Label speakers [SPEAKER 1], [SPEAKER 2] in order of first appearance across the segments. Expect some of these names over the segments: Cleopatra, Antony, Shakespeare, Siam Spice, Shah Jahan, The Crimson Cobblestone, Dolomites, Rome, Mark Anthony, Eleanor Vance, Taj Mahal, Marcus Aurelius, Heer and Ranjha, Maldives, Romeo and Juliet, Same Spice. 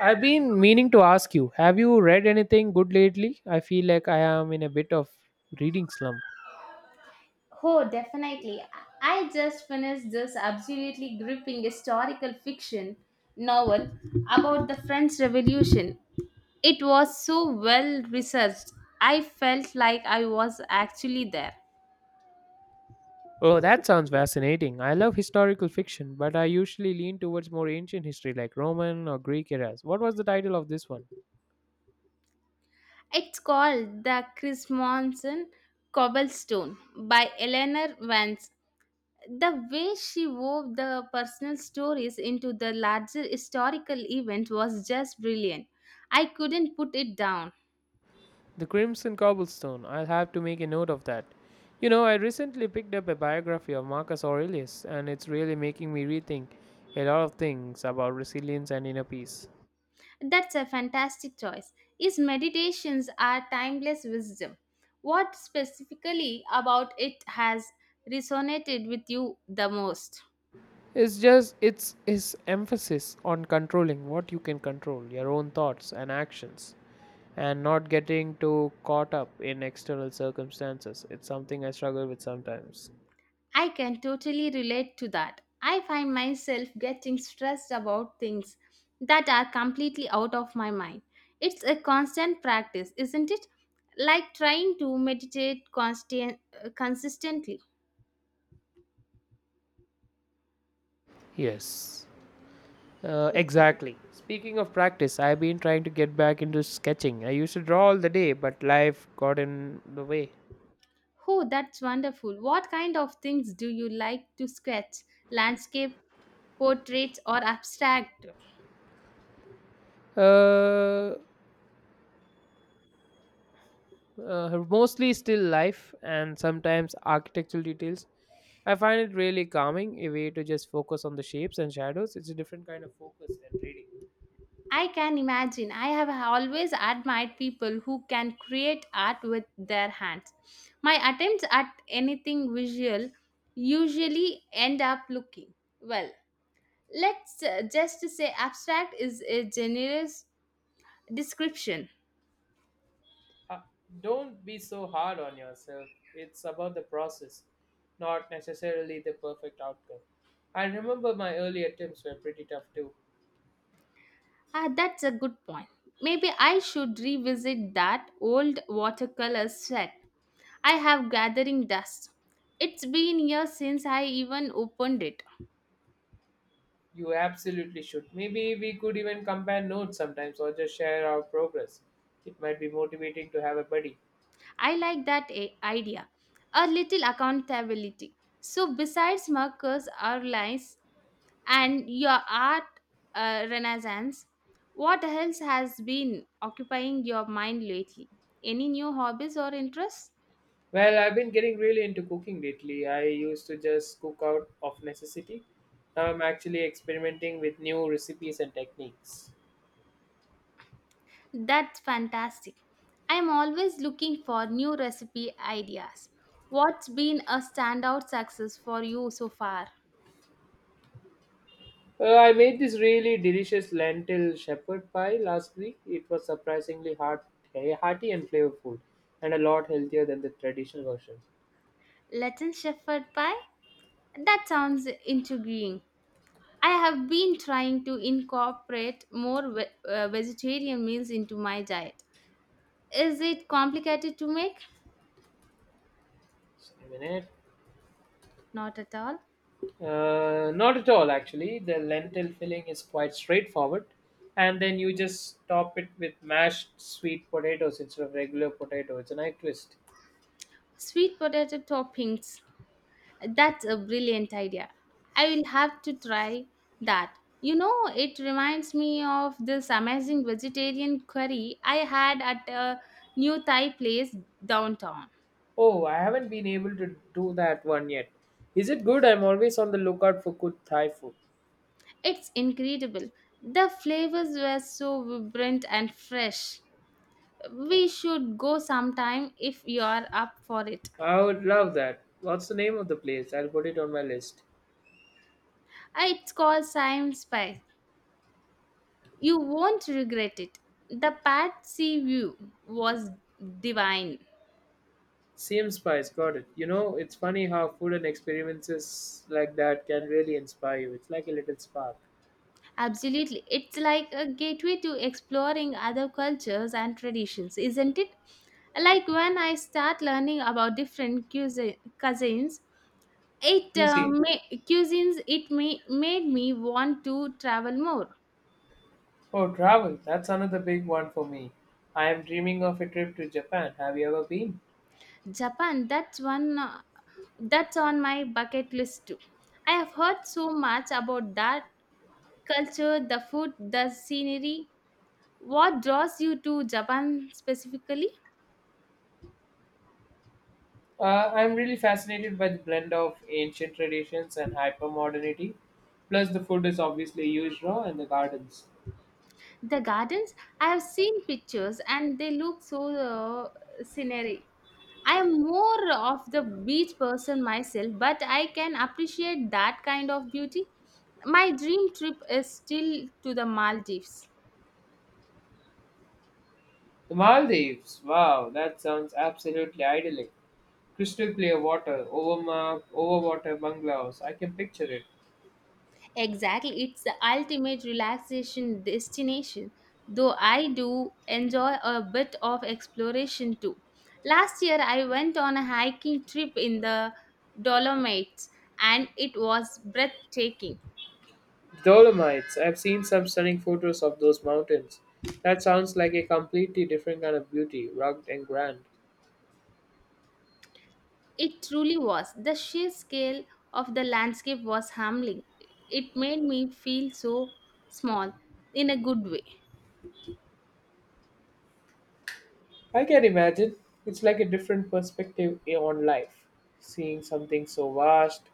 [SPEAKER 1] I've been meaning to ask you, have you read anything good lately? I feel like I am in a bit of reading slump.
[SPEAKER 2] Oh, definitely. I just finished this absolutely gripping historical fiction novel about the French Revolution. It was so well researched. I felt like I was actually there.
[SPEAKER 1] Oh, that sounds fascinating. I love historical fiction, but I usually lean towards more ancient history like Roman or Greek eras. What was the title of this one?
[SPEAKER 2] It's called The Crimson Cobblestone by Eleanor Vance. The way she wove the personal stories into the larger historical event was just brilliant. I couldn't put it down.
[SPEAKER 1] The Crimson Cobblestone. I'll have to make a note of that. You know, I recently picked up a biography of Marcus Aurelius, and it's really making me rethink a lot of things about resilience and inner peace.
[SPEAKER 2] That's a fantastic choice. His meditations are timeless wisdom. What specifically about it has resonated with you the most?
[SPEAKER 1] It's his emphasis on controlling what you can control, your own thoughts and actions, and not getting too caught up in external circumstances. It's something I struggle with sometimes.
[SPEAKER 2] I can totally relate to that. I find myself getting stressed about things that are completely out of my mind. It's a constant practice, isn't it? Like trying to meditate constant, consistently.
[SPEAKER 1] Yes. Exactly. Speaking of practice, I've been trying to get back into sketching. I used to draw all the day, but life got in the way.
[SPEAKER 2] Oh, that's wonderful. What kind of things do you like to sketch? Landscape, portraits, or abstract?
[SPEAKER 1] Uh, Mostly still life and sometimes architectural details. I find it really calming, a way to just focus on the shapes and shadows. It's a different kind of focus than reading.
[SPEAKER 2] I can imagine. I have always admired people who can create art with their hands. My attempts at anything visual usually end up looking well. Let's just say abstract is a generous description.
[SPEAKER 1] Uh, don't be so hard on yourself. It's about the process, not necessarily the perfect outcome. I remember my early attempts were pretty tough too.
[SPEAKER 2] Ah, that's a good point. Maybe I should revisit that old watercolor set. I have gathering dust. It's been years since I even opened it.
[SPEAKER 1] You absolutely should. Maybe we could even compare notes sometimes or just share our progress. It might be motivating to have a buddy.
[SPEAKER 2] I like that idea. A little accountability. So, besides markers, outlines, and your art renaissance, what else has been occupying your mind lately? Any new hobbies or interests?
[SPEAKER 1] Well, I've been getting really into cooking lately. I used to just cook out of necessity. Now I'm actually experimenting with new recipes and techniques.
[SPEAKER 2] That's fantastic. I'm always looking for new recipe ideas. What's been a standout success for you so far?
[SPEAKER 1] I made this really delicious lentil shepherd pie last week. It was surprisingly hearty and flavorful, and a lot healthier than the traditional version.
[SPEAKER 2] Latin Shepherd Pie? That sounds intriguing. I have been trying to incorporate more vegetarian meals into my diet. Is it complicated to make?
[SPEAKER 1] Just a minute.
[SPEAKER 2] Not at all.
[SPEAKER 1] Not at all, actually. The lentil filling is quite straightforward, and then you just top it with mashed sweet potatoes instead of regular potato. It's a nice twist.
[SPEAKER 2] Sweet potato toppings. That's a brilliant idea. I will have to try that. You know, it reminds me of this amazing vegetarian curry I had at a new Thai place downtown.
[SPEAKER 1] Oh, I haven't been able to do that one yet. Is it good? I'm always on the lookout for good Thai food.
[SPEAKER 2] It's incredible. The flavors were so vibrant and fresh. We should go sometime if you are up for it.
[SPEAKER 1] I would love that. What's the name of the place? I'll put it on my list.
[SPEAKER 2] Ah, it's called Siam Spice. You won't regret it. The Patsy view was divine.
[SPEAKER 1] Same Spice, got it. You know, it's funny how food and experiences like that can really inspire you. It's like a little spark.
[SPEAKER 2] Absolutely. It's like a gateway to exploring other cultures and traditions, isn't it? Like when I start learning about different cuisines, It uh,
[SPEAKER 1] Cuisine.
[SPEAKER 2] ma- cuisines made me want to travel more.
[SPEAKER 1] Oh, travel. That's another big one for me. I am dreaming of a trip to Japan. Have you ever been?
[SPEAKER 2] Japan, that's on my bucket list too. I have heard so much about that culture, the food, the scenery. What draws you to Japan specifically?
[SPEAKER 1] I'm really fascinated by the blend of ancient traditions and hypermodernity. Plus, the food is obviously used raw in the gardens.
[SPEAKER 2] The gardens. I have seen pictures and they look so scenery. I am more of the beach person myself, but I can appreciate that kind of beauty. My dream trip is still to the Maldives.
[SPEAKER 1] The Maldives, wow, that sounds absolutely idyllic. Crystal clear water, overwater bungalows, I can picture it.
[SPEAKER 2] Exactly, it's the ultimate relaxation destination, though I do enjoy a bit of exploration too. Last year, I went on a hiking trip in the Dolomites and it was breathtaking.
[SPEAKER 1] Dolomites, I've seen some stunning photos of those mountains. That sounds like a completely different kind of beauty, rugged and grand.
[SPEAKER 2] It truly was. The sheer scale of the landscape was humbling. It made me feel so small in a good way.
[SPEAKER 1] I can imagine. It's like a different perspective on life, seeing something so vast.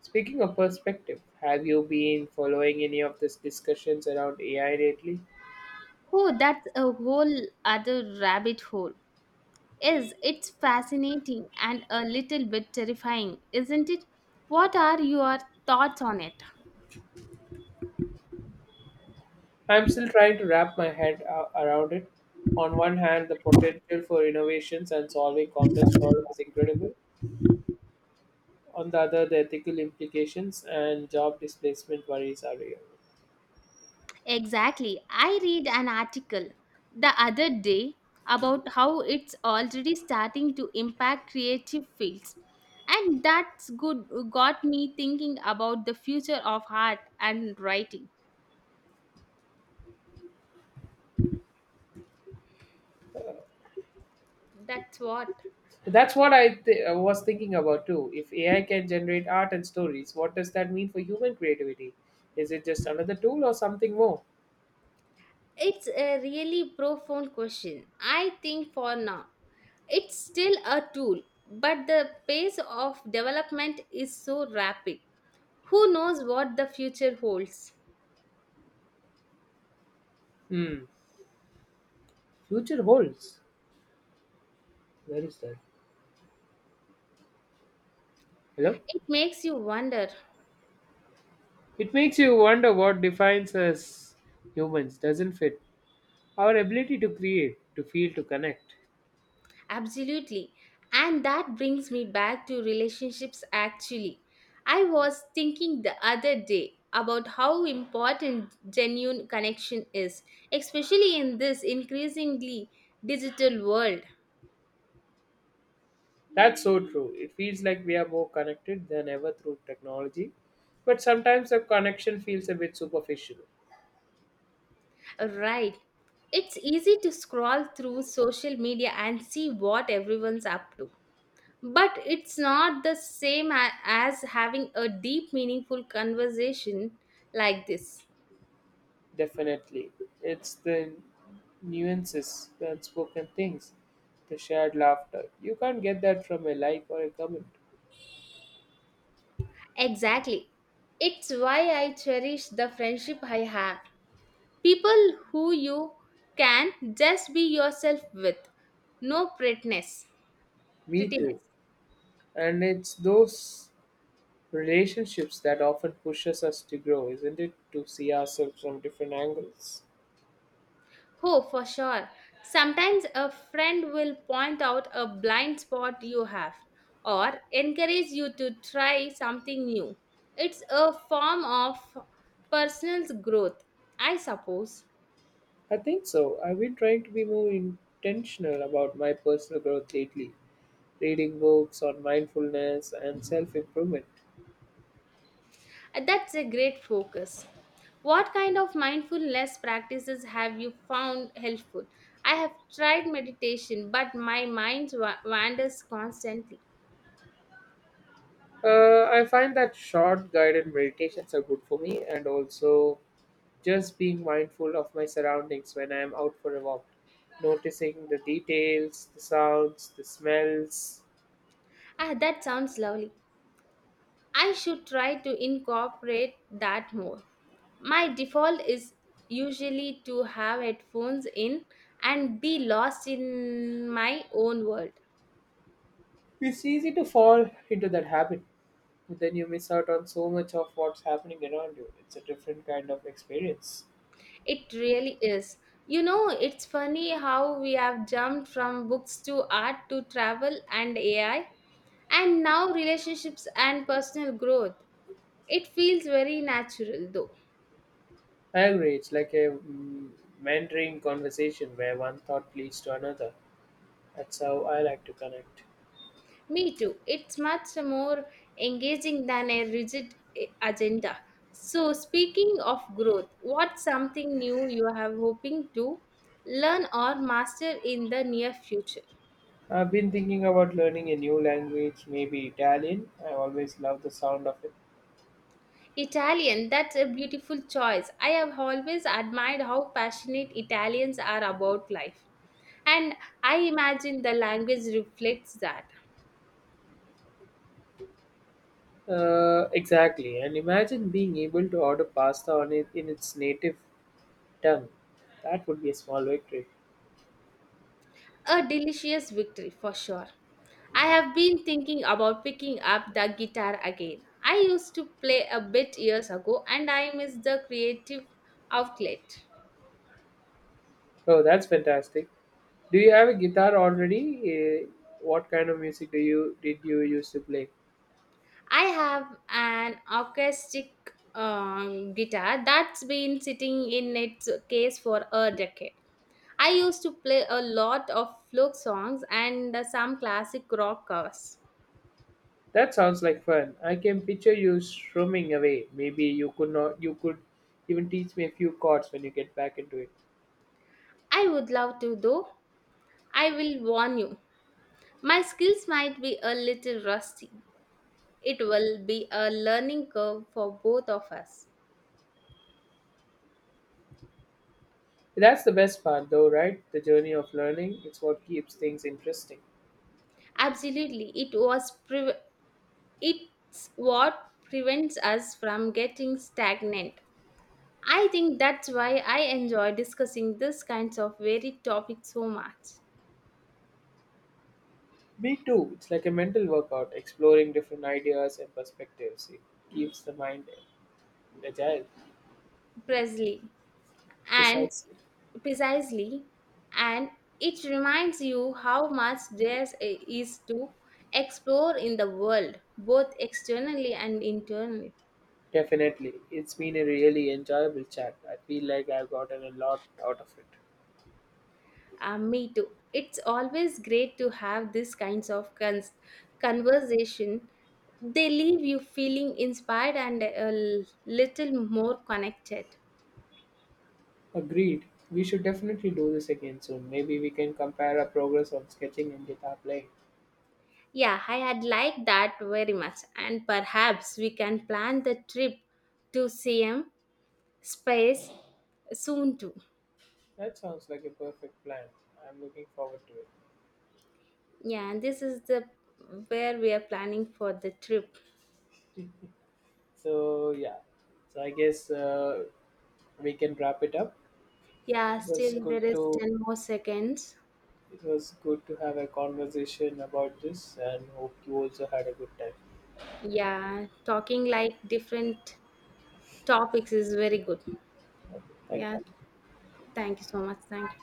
[SPEAKER 1] Speaking of perspective, have you been following any of these discussions around AI lately?
[SPEAKER 2] Oh, that's a whole other rabbit hole. Yes, it's fascinating and a little bit terrifying, isn't it? What are your thoughts on it?
[SPEAKER 1] I'm still trying to wrap my around it. On one hand, the potential for innovations and solving complex problems is incredible. On the other, the ethical implications and job displacement worries are real.
[SPEAKER 2] Exactly. I read an article the other day about how it's already starting to impact creative fields. And that's good got me thinking about the future of art and writing. That's what.
[SPEAKER 1] That's what I th- I was thinking about too. If AI can generate art and stories, what does that mean for human creativity? Is it just another tool or something more?
[SPEAKER 2] It's a really profound question. I think for now, it's still a tool, but the pace of development is so rapid. Who knows what the future holds?
[SPEAKER 1] Hmm. Future holds. Where is that? Hello?
[SPEAKER 2] It makes you wonder.
[SPEAKER 1] It makes you wonder what defines us humans, doesn't it? Our ability to create, to feel, to connect.
[SPEAKER 2] Absolutely. And that brings me back to relationships actually. I was thinking the other day about how important genuine connection is, especially in this increasingly digital world.
[SPEAKER 1] That's so true. It feels like we are more connected than ever through technology. But sometimes the connection feels a bit superficial.
[SPEAKER 2] Right. It's easy to scroll through social media and see what everyone's up to. But it's not the same as having a deep, meaningful conversation like this.
[SPEAKER 1] Definitely. It's the nuances, the unspoken things, the shared laughter. You can't get that from a like or a comment.
[SPEAKER 2] Exactly. It's why I cherish the friendship I have. People who you can just be yourself with. No prettiness.
[SPEAKER 1] Me too.
[SPEAKER 2] Prettiness.
[SPEAKER 1] And it's those relationships that often pushes us to grow, isn't it? To see ourselves from different angles.
[SPEAKER 2] Oh, for sure. Sometimes a friend will point out a blind spot you have or encourage you to try something new. It's a form of personal growth, I suppose.
[SPEAKER 1] I think so. I've been trying to be more intentional about my personal growth lately, reading books on mindfulness and self improvement.
[SPEAKER 2] That's a great focus. What kind of mindfulness practices have you found helpful? I have tried meditation, but my mind wanders constantly.
[SPEAKER 1] I find that short guided meditations are good for me, and also just being mindful of my surroundings when I am out for a walk, noticing the details, the sounds, the smells.
[SPEAKER 2] Ah, that sounds lovely. I should try to incorporate that more. My default is usually to have headphones in and be lost in my own world.
[SPEAKER 1] It's easy to fall into that habit. Then you miss out on so much of what's happening around you. It's a different kind of experience.
[SPEAKER 2] It really is. You know, it's funny how we have jumped from books to art to travel and AI, and now relationships and personal growth. It feels very natural though.
[SPEAKER 1] I agree. It's like a mentoring conversation where one thought leads to another. That's how I like to connect.
[SPEAKER 2] Me too. It's much more engaging than a rigid agenda. So, speaking of growth, what's something new you have hoping to learn or master in the near future?
[SPEAKER 1] I've been thinking about learning a new language, maybe Italian. I always love the sound of it.
[SPEAKER 2] Italian, that's a beautiful choice. I have always admired how passionate Italians are about life. And I imagine the language reflects that.
[SPEAKER 1] Exactly. And imagine being able to order pasta on it in its native tongue. That would be a small victory.
[SPEAKER 2] A delicious victory for sure. I have been thinking about picking up the guitar again. I used to play a bit years ago and I miss the creative outlet.
[SPEAKER 1] Oh, that's fantastic. Do you have a guitar already? Uh, what kind of music do you did you used to play?
[SPEAKER 2] I have an acoustic guitar that's been sitting in its case for a decade. I used to play a lot of folk songs and some classic rock covers.
[SPEAKER 1] That sounds like fun. I can picture you strumming away. Maybe you could not you could even teach me a few chords when you get back into it.
[SPEAKER 2] I would love to, though. I will warn you, my skills might be a little rusty. It will be a learning curve for both of us.
[SPEAKER 1] That's the best part though, right? The journey of learning, it's what keeps things interesting.
[SPEAKER 2] Absolutely, it's what prevents us from getting stagnant. I think that's why I enjoy discussing this kinds of varied topics so much.
[SPEAKER 1] Me too. It's like a mental workout, exploring different ideas and perspectives. It keeps the mind agile.
[SPEAKER 2] Presley, and
[SPEAKER 1] Precisely.
[SPEAKER 2] Precisely, and it reminds you how much there is to explore in the world, both externally and internally.
[SPEAKER 1] Definitely. It's been a really enjoyable chat. I feel like I've gotten a lot out of it.
[SPEAKER 2] Me too. It's always great to have these kinds of conversation. They leave you feeling inspired and a little more connected.
[SPEAKER 1] Agreed. We should definitely do this again soon. Maybe we can compare our progress on sketching and guitar playing.
[SPEAKER 2] Yeah, I had liked that very much, and perhaps we can plan the trip to CM space soon too.
[SPEAKER 1] That sounds like a perfect plan. I'm looking forward to it.
[SPEAKER 2] Yeah, and this is the where we are planning for the trip.
[SPEAKER 1] So, yeah. So I guess we can wrap it up.
[SPEAKER 2] Yeah,
[SPEAKER 1] It was
[SPEAKER 2] still
[SPEAKER 1] good
[SPEAKER 2] there is
[SPEAKER 1] to
[SPEAKER 2] 10 more seconds.
[SPEAKER 1] it was good to have a conversation about this and hope you also had a good time.
[SPEAKER 2] Yeah, talking like different topics is very good.
[SPEAKER 1] Thank you.
[SPEAKER 2] Yeah, thank you so much. Thank you.